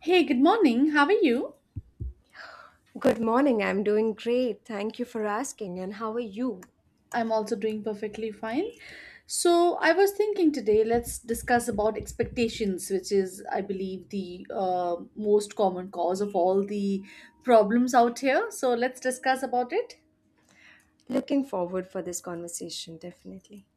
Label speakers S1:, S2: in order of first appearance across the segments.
S1: Hey, good morning. How are you?
S2: Good morning. I'm doing great. Thank you for asking. And how are you?
S1: I'm also doing perfectly fine. So, I was thinking today let's discuss about expectations, which is, I believe, the most common cause of all the problems out here. So, let's discuss about it.
S2: Looking forward for this conversation, definitely.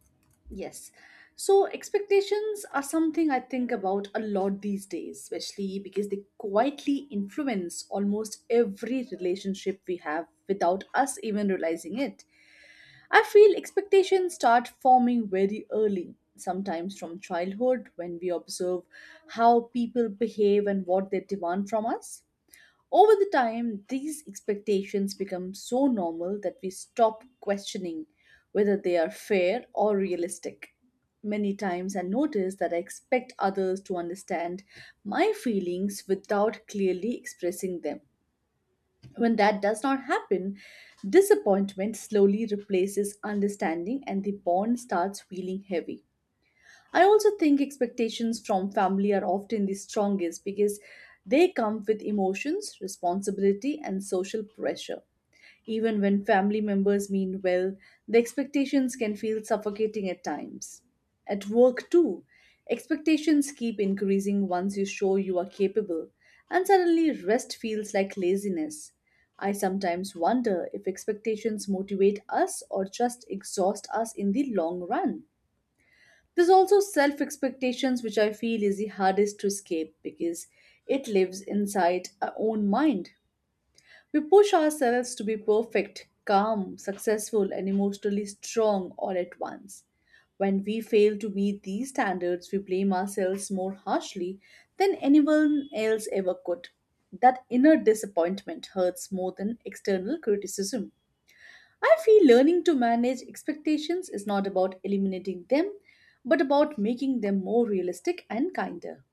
S1: Yes. So, expectations are something I think about a lot these days, especially because they quietly influence almost every relationship we have without us even realizing it. I feel expectations start forming very early, sometimes from childhood when we observe how people behave and what they demand from us. Over the time, these expectations become so normal that we stop questioning whether they are fair or realistic. Many times I notice that I expect others to understand my feelings without clearly expressing them. When that does not happen, disappointment slowly replaces understanding and the bond starts feeling heavy. I also think expectations from family are often the strongest because they come with emotions, responsibility, and social pressure. Even when family members mean well, the expectations can feel suffocating at times. At work, too, expectations keep increasing once you show you are capable, and suddenly rest feels like laziness. I sometimes wonder if expectations motivate us or just exhaust us in the long run. There's also self expectations, which I feel is the hardest to escape because it lives inside our own mind. We push ourselves to be perfect, calm, successful, and emotionally strong all at once. When we fail to meet these standards, we blame ourselves more harshly than anyone else ever could. That inner disappointment hurts more than external criticism. I feel learning to manage expectations is not about eliminating them, but about making them more realistic and kinder.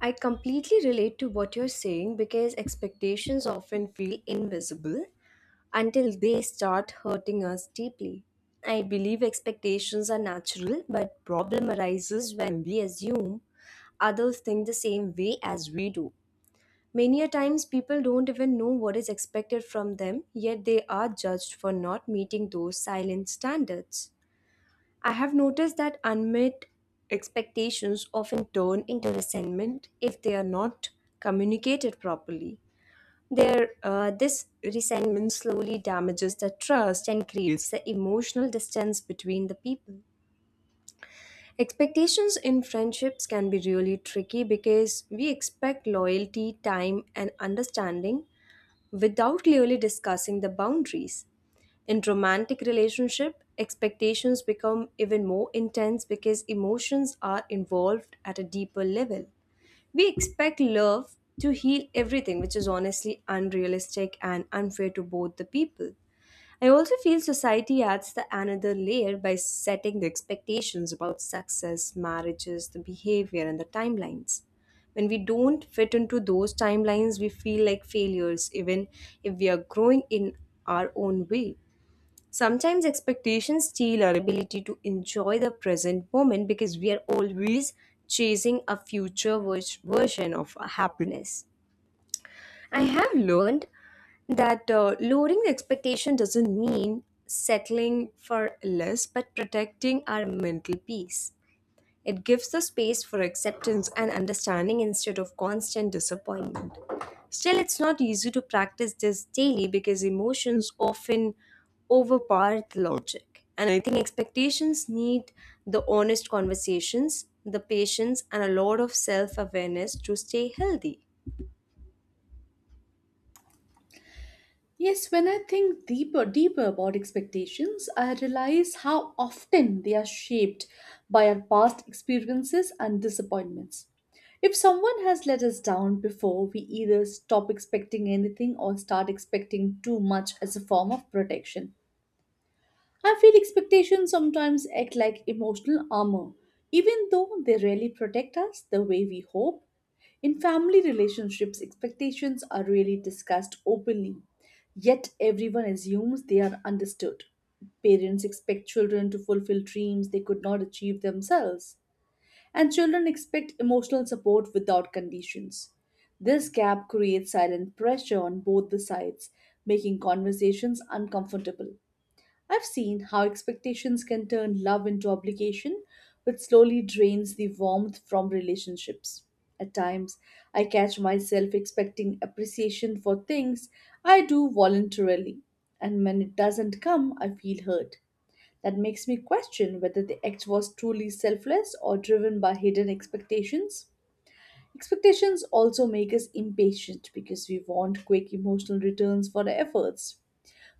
S2: I completely relate to what you're saying because expectations often feel invisible until they start hurting us deeply. I believe expectations are natural, but problem arises when we assume others think the same way as we do. Many a times people don't even know what is expected from them, yet they are judged for not meeting those silent standards. I have noticed that unmet expectations often turn into resentment if they are not communicated properly. This resentment slowly damages the trust and creates the emotional distance between the people. Expectations in friendships can be really tricky because we expect loyalty, time, and understanding without clearly discussing the boundaries. In romantic relationship, expectations become even more intense because emotions are involved at a deeper level. We expect love to heal everything, which is honestly unrealistic and unfair to both the people. I also feel society adds the another layer by setting the expectations about success, marriages, the behavior, and the timelines. When we don't fit into those timelines, we feel like failures, even if we are growing in our own way. Sometimes expectations steal our ability to enjoy the present moment because we are always chasing a future version of happiness. I have learned that lowering the expectation doesn't mean settling for less, but protecting our mental peace. It gives the space for acceptance and understanding instead of constant disappointment. Still, it's not easy to practice this daily because emotions often overpower the logic. And I think expectations need the honest conversations, the patience, and a lot of self awareness to stay healthy.
S1: Yes, when I think deeper about expectations, I realize how often they are shaped by our past experiences and disappointments. If someone has let us down before, we either stop expecting anything or start expecting too much as a form of protection. I feel expectations sometimes act like emotional armor, even though they rarely protect us the way we hope. In family relationships, expectations are rarely discussed openly, yet everyone assumes they are understood. Parents expect children to fulfill dreams they could not achieve themselves, and children expect emotional support without conditions. This gap creates silent pressure on both the sides, making conversations uncomfortable. I've seen how expectations can turn love into obligation, which slowly drains the warmth from relationships. At times, I catch myself expecting appreciation for things I do voluntarily, and when it doesn't come, I feel hurt. That makes me question whether the act was truly selfless or driven by hidden expectations. Expectations also make us impatient because we want quick emotional returns for our efforts.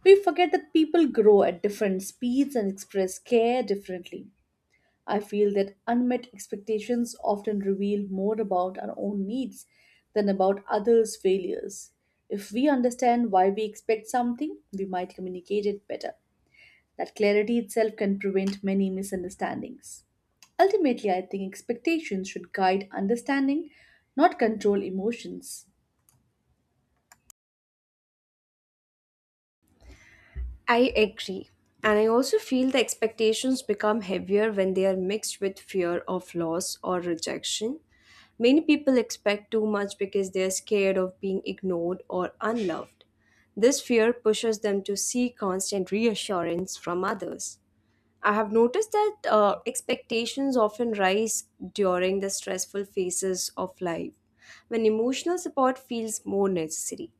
S1: We forget that people grow at different speeds and express care differently. I feel that unmet expectations often reveal more about our own needs than about others' failures. If we understand why we expect something, we might communicate it better. That clarity itself can prevent many misunderstandings. Ultimately, I think expectations should guide understanding, not control emotions.
S2: I agree. And I also feel the expectations become heavier when they are mixed with fear of loss or rejection. Many people expect too much because they are scared of being ignored or unloved. This fear pushes them to seek constant reassurance from others. I have noticed that expectations often rise during the stressful phases of life when emotional support feels more necessary.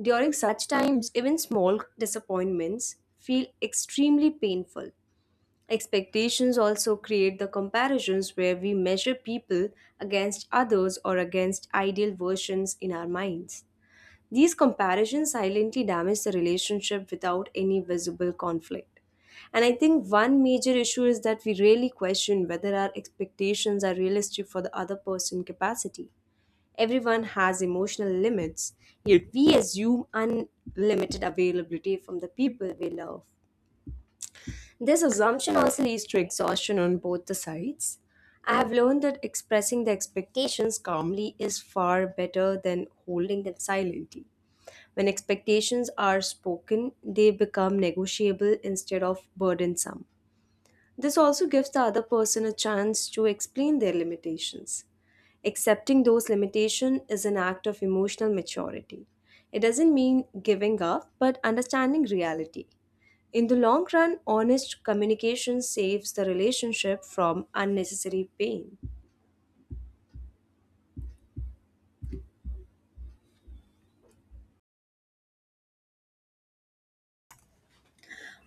S2: During such times, even small disappointments feel extremely painful. Expectations also create the comparisons where we measure people against others or against ideal versions in our minds. These comparisons silently damage the relationship without any visible conflict. And I think one major issue is that we really question whether our expectations are realistic for the other person capacity. Everyone has emotional limits, yet we assume unlimited availability from the people we love. This assumption also leads to exhaustion on both the sides. I have learned that expressing the expectations calmly is far better than holding them silently. When expectations are spoken, they become negotiable instead of burdensome. This also gives the other person a chance to explain their limitations. Accepting those limitations is an act of emotional maturity. It doesn't mean giving up, but understanding reality. In the long run, honest communication saves the relationship from unnecessary pain.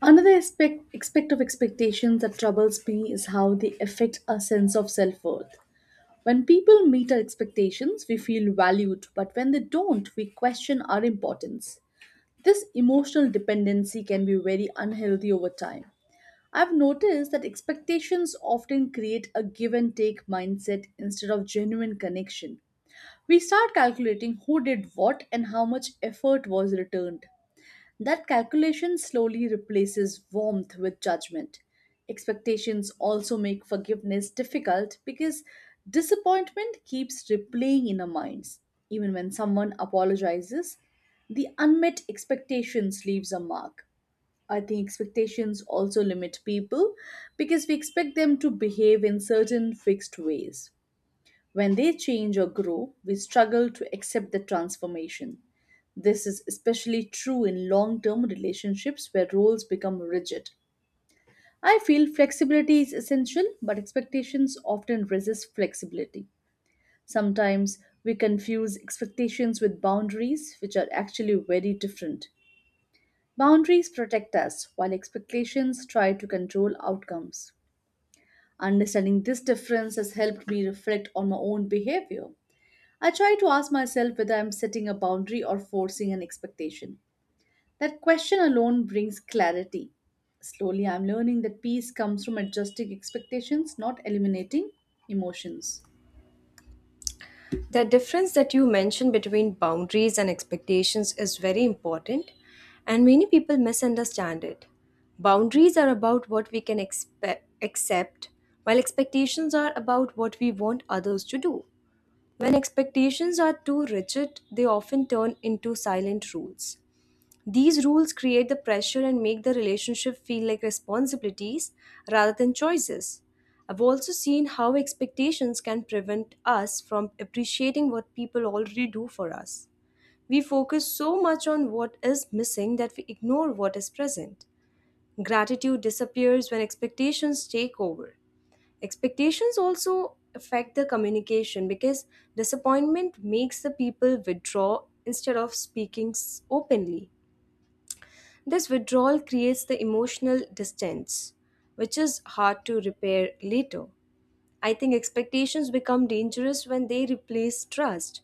S1: Another aspect of expectations that troubles me is how they affect our sense of self worth. When people meet our expectations, we feel valued, but when they don't, we question our importance. This emotional dependency can be very unhealthy over time. I've noticed that expectations often create a give and take mindset instead of genuine connection. We start calculating who did what and how much effort was returned. That calculation slowly replaces warmth with judgment. Expectations also make forgiveness difficult because disappointment keeps replaying in our minds. Even when someone apologizes, the unmet expectations leaves a mark. I think expectations also limit people because we expect them to behave in certain fixed ways. When they change or grow, we struggle to accept the transformation. This is especially true in long term relationships where roles become rigid. I feel flexibility is essential, but expectations often resist flexibility. Sometimes we confuse expectations with boundaries, which are actually very different. Boundaries protect us, while expectations try to control outcomes. Understanding this difference has helped me reflect on my own behavior. I try to ask myself whether I'm setting a boundary or forcing an expectation. That question alone brings clarity. Slowly, I'm learning that peace comes from adjusting expectations, not eliminating emotions.
S2: The difference that you mentioned between boundaries and expectations is very important, and many people misunderstand it. Boundaries are about what we can accept, while expectations are about what we want others to do. When expectations are too rigid, they often turn into silent rules. These rules create the pressure and make the relationship feel like responsibilities rather than choices. I've also seen how expectations can prevent us from appreciating what people already do for us. We focus so much on what is missing that we ignore what is present. Gratitude disappears when expectations take over. Expectations also affect the communication because disappointment makes the people withdraw instead of speaking openly. This withdrawal creates the emotional distance, which is hard to repair later. I think expectations become dangerous when they replace trust.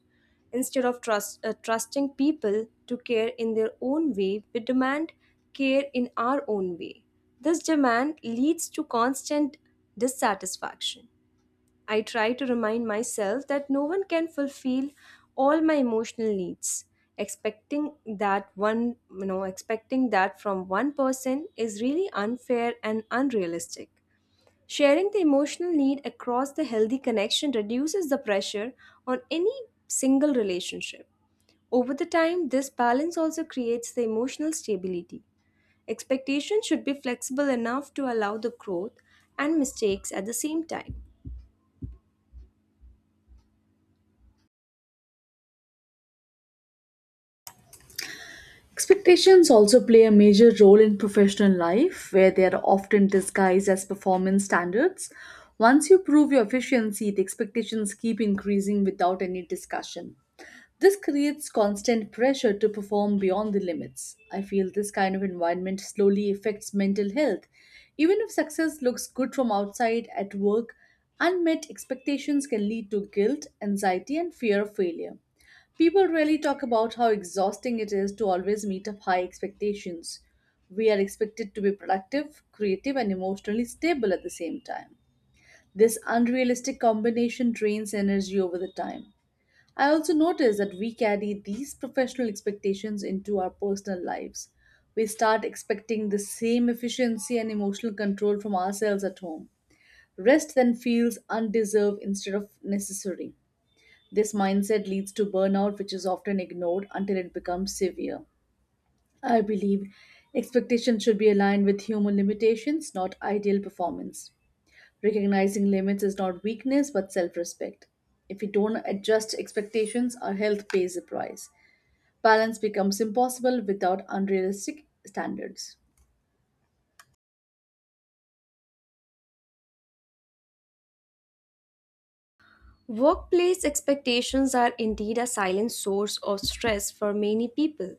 S2: Trusting people to care in their own way, we demand care in our own way. This demand leads to constant dissatisfaction. I try to remind myself that no one can fulfill all my emotional needs. Expecting that from one person is really unfair and unrealistic. Sharing the emotional need across the healthy connection reduces the pressure on any single relationship. Over the time, this balance also creates the emotional stability. Expectations should be flexible enough to allow the growth and mistakes at the same time.
S1: Expectations also play a major role in professional life, where they are often disguised as performance standards. Once you prove your efficiency, the expectations keep increasing without any discussion. This creates constant pressure to perform beyond the limits. I feel this kind of environment slowly affects mental health. Even if success looks good from outside at work, unmet expectations can lead to guilt, anxiety, and fear of failure. People really talk about how exhausting it is to always meet up high expectations. We are expected to be productive, creative, and emotionally stable at the same time. This unrealistic combination drains energy over the time. I also notice that we carry these professional expectations into our personal lives. We start expecting the same efficiency and emotional control from ourselves at home. Rest then feels undeserved instead of necessary. This mindset leads to burnout, which is often ignored until it becomes severe. I believe expectations should be aligned with human limitations, not ideal performance. Recognizing limits is not weakness but self respect. If we don't adjust expectations, our health pays the price. Balance becomes impossible without unrealistic standards.
S2: Workplace expectations are indeed a silent source of stress for many people.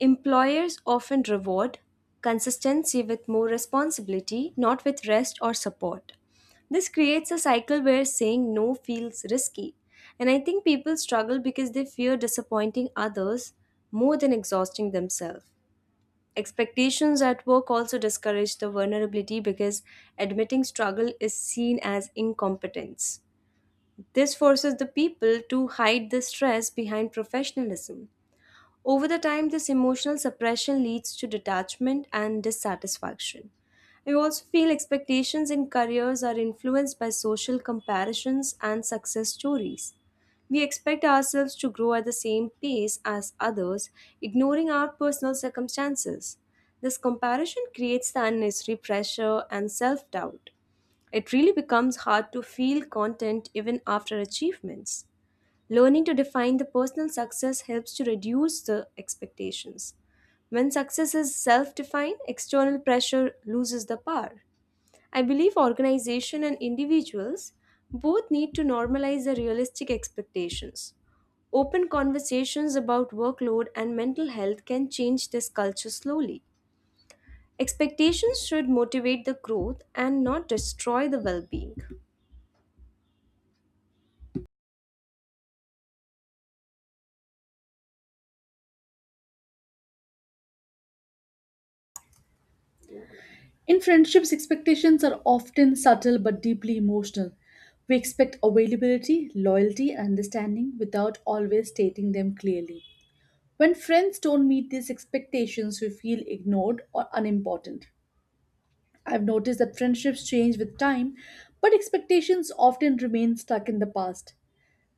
S2: Employers often reward consistency with more responsibility, not with rest or support. This creates a cycle where saying no feels risky. And I think people struggle because they fear disappointing others more than exhausting themselves. Expectations at work also discourage the vulnerability because admitting struggle is seen as incompetence. This forces the people to hide the stress behind professionalism. Over the time, this emotional suppression leads to detachment and dissatisfaction. I also feel expectations in careers are influenced by social comparisons and success stories. We expect ourselves to grow at the same pace as others, ignoring our personal circumstances. This comparison creates the unnecessary pressure and self doubt. It really becomes hard to feel content even after achievements. Learning to define the personal success helps to reduce the expectations. When success is self defined, external pressure loses the power. I believe organizations and individuals both need to normalize the realistic expectations. Open conversations about workload and mental health can change this culture slowly. Expectations should motivate the growth and not destroy the well being.
S1: In friendships, expectations are often subtle but deeply emotional. We expect availability, loyalty, and understanding without always stating them clearly. When friends don't meet these expectations, we feel ignored or unimportant. I've noticed that friendships change with time, but expectations often remain stuck in the past.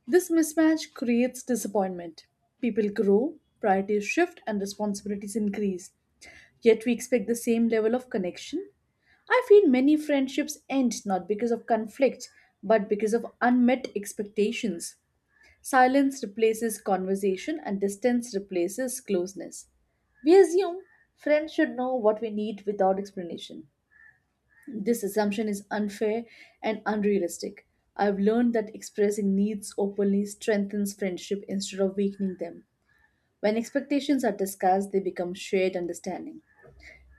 S1: This mismatch creates disappointment. People grow, priorities shift, and responsibilities increase. Yet we expect the same level of connection. I feel many friendships end not because of conflict, but because of unmet expectations. Silence replaces conversation and distance replaces closeness. We assume friends should know what we need without explanation. This assumption is unfair and unrealistic. I've learned that expressing needs openly strengthens friendship instead of weakening them. When expectations are discussed, they become shared understanding.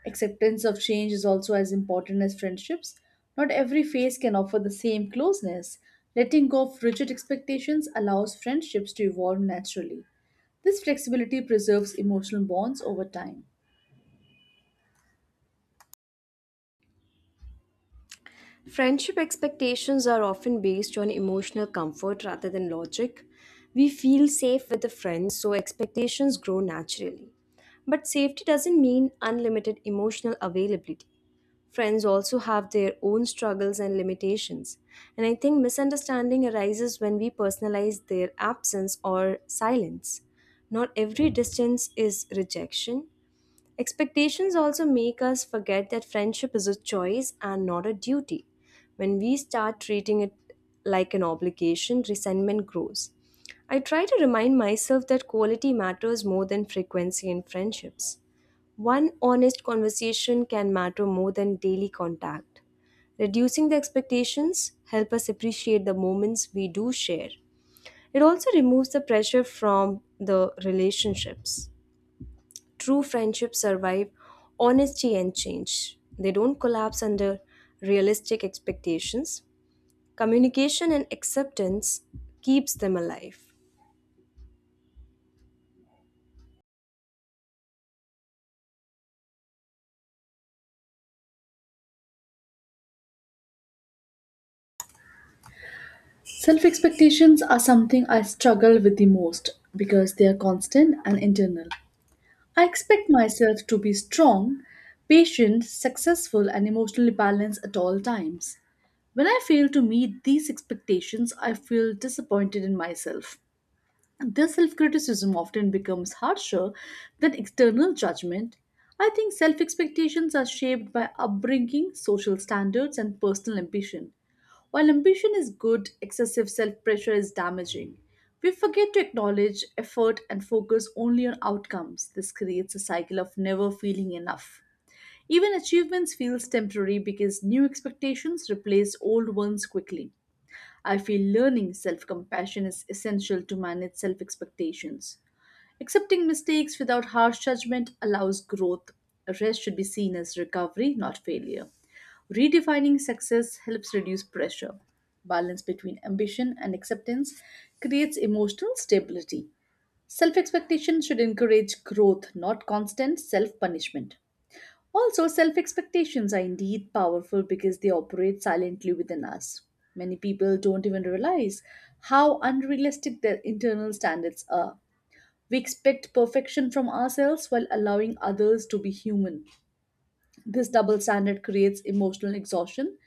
S1: Acceptance of change is also as important as friendships. Not every phase can offer the same closeness. Letting go of rigid expectations allows friendships to evolve naturally. This flexibility preserves emotional bonds over time.
S2: Friendship expectations are often based on emotional comfort rather than logic. We feel safe with a friend, so expectations grow naturally. But safety doesn't mean unlimited emotional availability. Friends also have their own struggles and limitations. And I think misunderstanding arises when we personalize their absence or silence. Not every distance is rejection. Expectations also make us forget that friendship is a choice and not a duty. When we start treating it like an obligation, resentment grows. I try to remind myself that quality matters more than frequency in friendships. One honest conversation can matter more than daily contact. Reducing the expectations help us appreciate the moments we do share. It also removes the pressure from the relationships. True friendships survive honesty and change. They don't collapse under realistic expectations. Communication and acceptance keeps them alive.
S1: Self expectations are something I struggle with the most because they are constant and internal. I expect myself to be strong, patient, successful, and emotionally balanced at all times. When I fail to meet these expectations, I feel disappointed in myself. This self criticism often becomes harsher than external judgment. I think self expectations are shaped by upbringing, social standards, and personal ambition. While ambition is good, excessive self pressure is damaging. We forget to acknowledge effort and focus only on outcomes. This creates a cycle of never feeling enough. Even achievements feels temporary because new expectations replace old ones quickly. I feel learning self compassion is essential to manage self expectations. Accepting mistakes without harsh judgment allows growth. Rest should be seen as recovery, not failure. Redefining success helps reduce pressure. Balance between ambition and acceptance creates emotional stability. Self expectation should encourage growth, not constant self punishment. Also, self expectations are indeed powerful because they operate silently within us. Many people don't even realize how unrealistic their internal standards are. We expect perfection from ourselves while allowing others to be human. This double standard creates emotional exhaustion.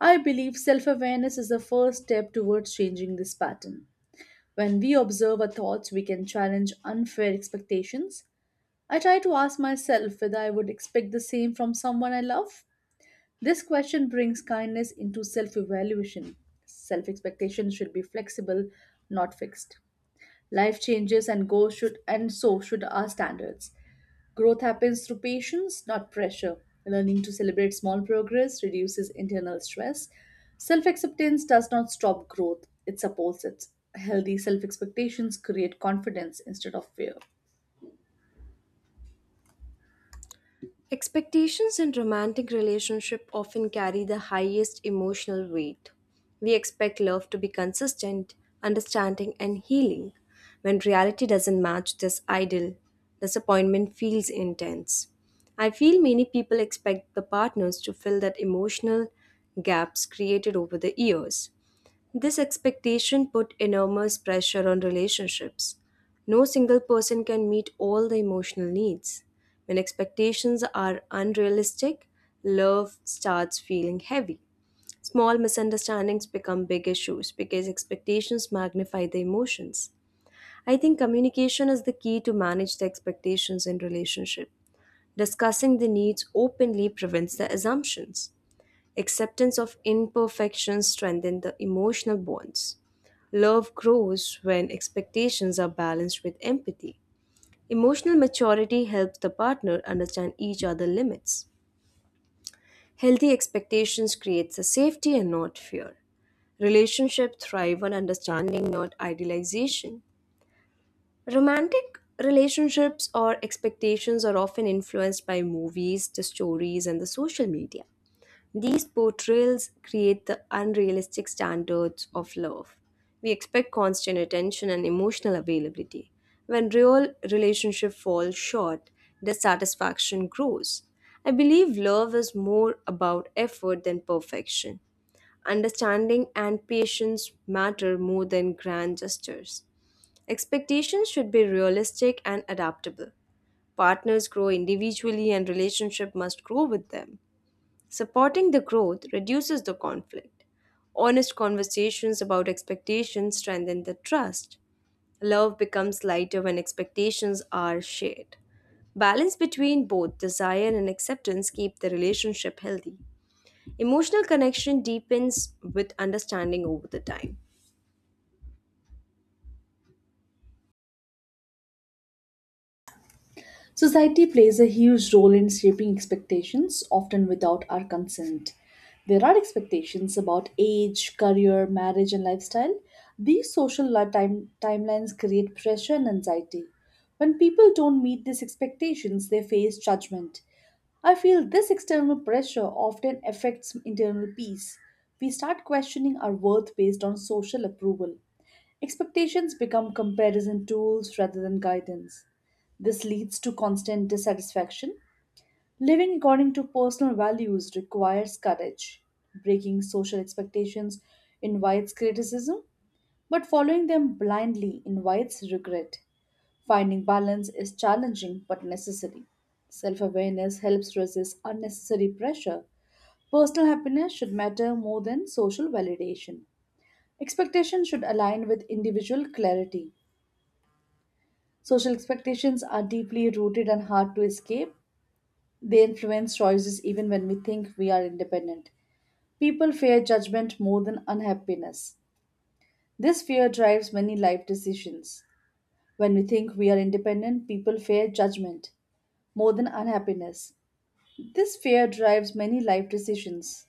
S1: I believe self awareness is the first step towards changing this pattern. When we observe our thoughts, we can challenge unfair expectations. I try to ask myself whether I would expect the same from someone I love. This question brings kindness into self evaluation. Self expectations should be flexible, not fixed. Life changes and goals should, and so should our standards. Growth happens through patience, not pressure. Learning to celebrate small progress reduces internal stress. Self acceptance does not stop growth, it supports it. Healthy self expectations create confidence instead of fear.
S2: Expectations in romantic relationship often carry the highest emotional weight. We expect love to be consistent, understanding and healing. When reality doesn't match this ideal, disappointment feels intense. I feel many people expect the partners to fill that emotional gaps created over the years. This expectation put enormous pressure on relationships. No single person can meet all the emotional needs. When expectations are unrealistic, love starts feeling heavy. Small misunderstandings become big issues because expectations magnify the emotions. I think communication is the key to manage the expectations in relationship. Discussing the needs openly prevents the assumptions. Acceptance of imperfections strengthens the emotional bonds. Love grows when expectations are balanced with empathy. Emotional maturity helps the partner understand each other's limits. Healthy expectations creates a safety and not fear. Relationships thrive on understanding, not idealization. Romantic relationships or expectations are often influenced by movies, the stories, and the social media. These portrayals create the unrealistic standards of love. We expect constant attention and emotional availability. When real relationships fall short, dissatisfaction grows. I believe love is more about effort than perfection. Understanding and patience matter more than grand gestures. Expectations should be realistic and adaptable. Partners grow individually and relationship must grow with them. Supporting the growth reduces the conflict. Honest conversations about expectations strengthen the trust. Love becomes lighter when expectations are shared. Balance between both desire and acceptance keep the relationship healthy. Emotional connection deepens with understanding over the time.
S1: Society plays a huge role in shaping expectations, often without our consent. There are expectations about age, career, marriage, and lifestyle. These timelines create pressure and anxiety. When people don't meet these expectations, they face judgment. I feel this external pressure often affects internal peace. We start questioning our worth based on social approval. Expectations become comparison tools rather than guidance. This leads to constant dissatisfaction. Living according to personal values requires courage. Breaking social expectations invites criticism, but following them blindly invites regret. Finding balance is challenging but necessary. Self awareness helps resist unnecessary pressure. Personal happiness should matter more than social validation. Expectations should align with individual clarity. Social expectations are deeply rooted and hard to escape. They influence choices even when we think we are independent. People fear judgment more than unhappiness. This fear drives many life decisions. When we think we are independent, people fear judgment more than unhappiness. This fear drives many life decisions.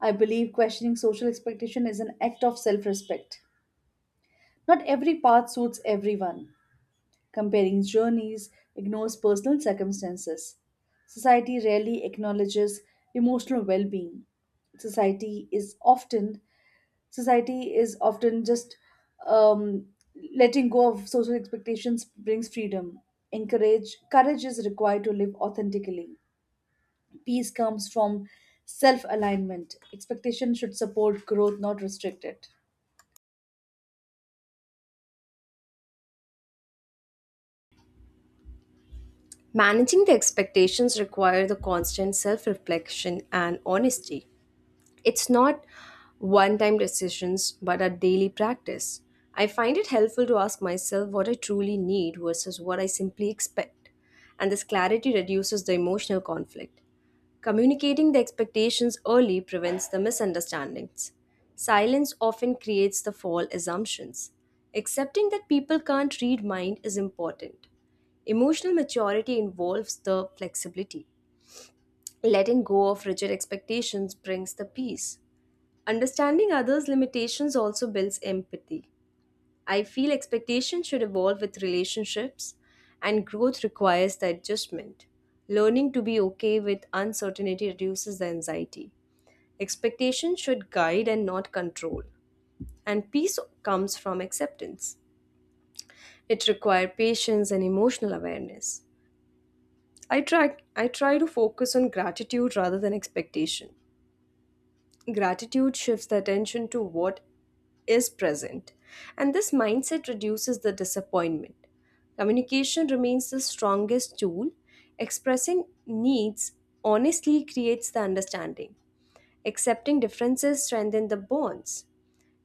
S1: I believe questioning social expectation is an act of self respect. Not every path suits everyone. Comparing journeys, ignores personal circumstances. Society rarely acknowledges emotional well-being. Society is often society is often just um, Letting go of social expectations brings freedom. Encourage courage is required to live authentically. Peace comes from self-alignment. Expectation should support growth, not restrict it.
S2: Managing the expectations require the constant self-reflection and honesty. It's not one time decisions, but a daily practice. I find it helpful to ask myself what I truly need versus what I simply expect. And this clarity reduces the emotional conflict. Communicating the expectations early prevents the misunderstandings. Silence often creates the false assumptions. Accepting that people can't read mind is important. Emotional maturity involves the flexibility. Letting go of rigid expectations brings the peace. Understanding others' limitations also builds empathy. I feel expectations should evolve with relationships, and growth requires the adjustment. Learning to be okay with uncertainty reduces the anxiety. Expectations should guide and not control, and peace comes from acceptance. It requires patience and emotional awareness. I try to focus on gratitude rather than expectation. Gratitude shifts the attention to what is present. And this mindset reduces the disappointment. Communication remains the strongest tool. Expressing needs honestly creates the understanding. Accepting differences strengthen the bonds.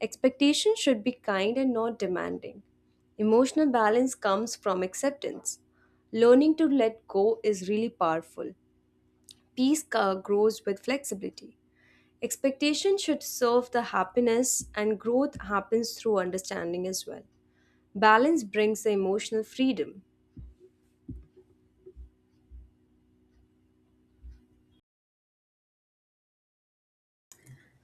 S2: Expectations should be kind and not demanding. Emotional balance comes from acceptance. Learning to let go is really powerful. Peace grows with flexibility. Expectation should serve the happiness, and growth happens through understanding as well. Balance brings the emotional freedom.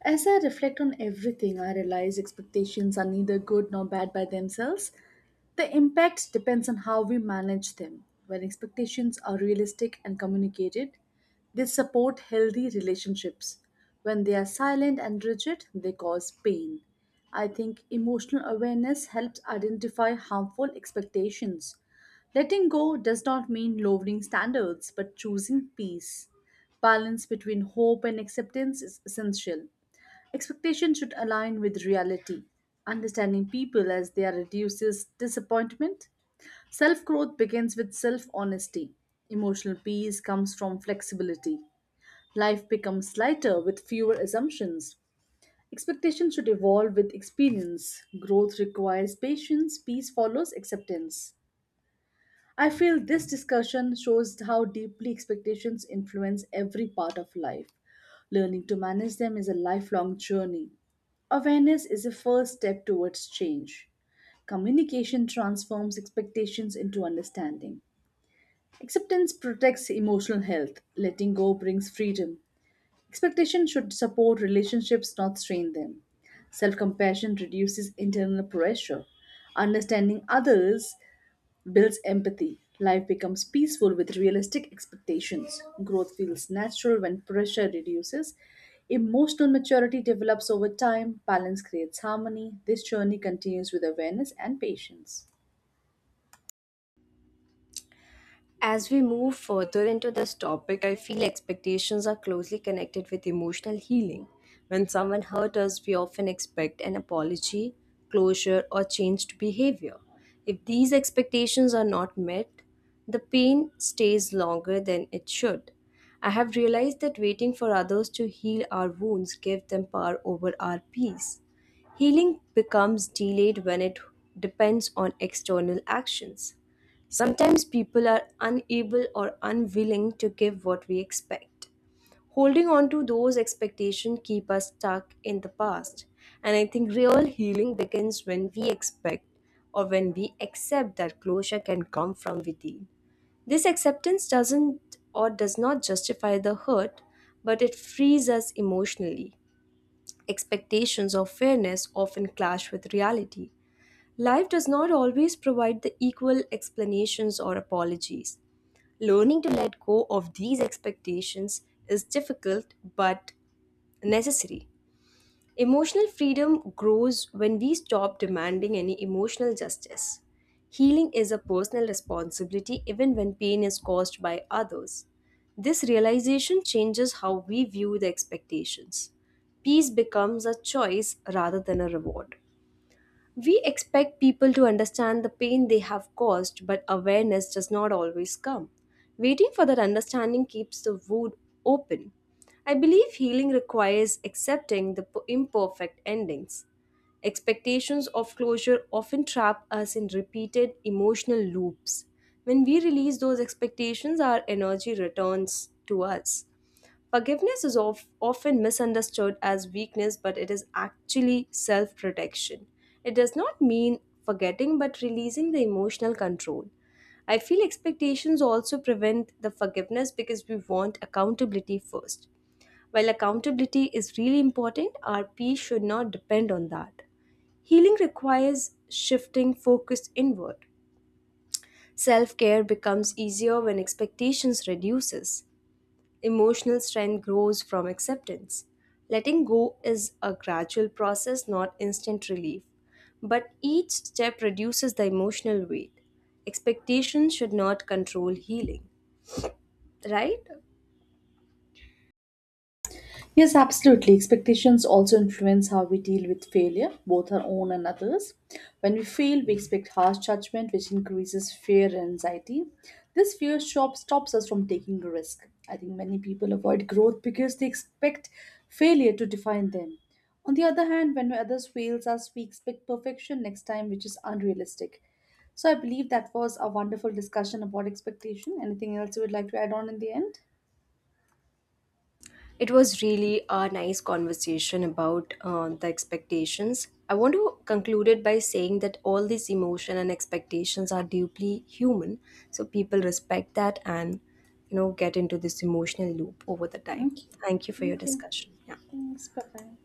S1: As I reflect on everything, I realize expectations are neither good nor bad by themselves. The impact depends on how we manage them. When expectations are realistic and communicated, they support healthy relationships. When they are silent and rigid, they cause pain. I think emotional awareness helps identify harmful expectations. Letting go does not mean lowering standards, but choosing peace. Balance between hope and acceptance is essential. Expectation should align with reality. Understanding people as they are reduces disappointment. Self growth begins with self honesty. Emotional peace comes from flexibility. Life becomes lighter with fewer assumptions. Expectations should evolve with experience. Growth requires patience, peace follows acceptance. I feel this discussion shows how deeply expectations influence every part of life. Learning to manage them is a lifelong journey. Awareness is a first step towards change. Communication transforms expectations into understanding. Acceptance protects emotional health. Letting go brings freedom. Expectation should support relationships, not strain them. Self compassion reduces internal pressure. Understanding others builds empathy. Life becomes peaceful with realistic expectations. Growth feels natural when pressure reduces. Emotional maturity develops over time. Balance creates harmony. This journey continues with awareness and patience.
S2: As we move further into this topic, I feel expectations are closely connected with emotional healing. When someone hurt us, we often expect an apology, closure, or changed behavior. If these expectations are not met, the pain stays longer than it should. I have realized that waiting for others to heal our wounds gives them power over our peace. Healing becomes delayed when it depends on external actions. Sometimes people are unable or unwilling to give what we expect. Holding on to those expectations keep us stuck in the past. And I think real healing begins when we accept that closure can come from within. This acceptance does not justify the hurt, but it frees us emotionally. Expectations of fairness often clash with reality. Life does not always provide the equal explanations or apologies. Learning to let go of these expectations is difficult but necessary. Emotional freedom grows when we stop demanding any emotional justice. Healing is a personal responsibility even when pain is caused by others. This realization changes how we view the expectations. Peace becomes a choice rather than a reward. We expect people to understand the pain they have caused, but awareness does not always come. Waiting for that understanding keeps the wound open. I believe healing requires accepting the imperfect endings. Expectations of closure often trap us in repeated emotional loops. When we release those expectations, our energy returns to us. Forgiveness is often misunderstood as weakness, but it is actually self protection. It does not mean forgetting, but releasing the emotional control. I feel expectations also prevent the forgiveness because we want accountability first. While accountability is really important, our peace should not depend on that. Healing requires shifting focus inward. Self-care becomes easier when expectations reduces. Emotional strength grows from acceptance. Letting go is a gradual process, not instant relief, but each step reduces the emotional weight. Expectations should not control healing, right?
S1: Yes, absolutely. Expectations also influence how we deal with failure, both our own and others. When we fail, we expect harsh judgment, which increases fear and anxiety. This fear shop stops us from taking a risk. I think many people avoid growth because they expect failure to define them. On the other hand, when others fails us, we expect perfection next time, which is unrealistic. So I believe that was a wonderful discussion about expectation. Anything else you would like to add on in the end?
S2: It was really a nice conversation about the expectations. I want to conclude it by saying that all these emotion and expectations are deeply human. So people respect that and you know get into this emotional loop over the time.
S1: Okay.
S2: Thank you for your
S1: Okay.
S2: discussion. Yeah.
S1: Thanks. Bye bye.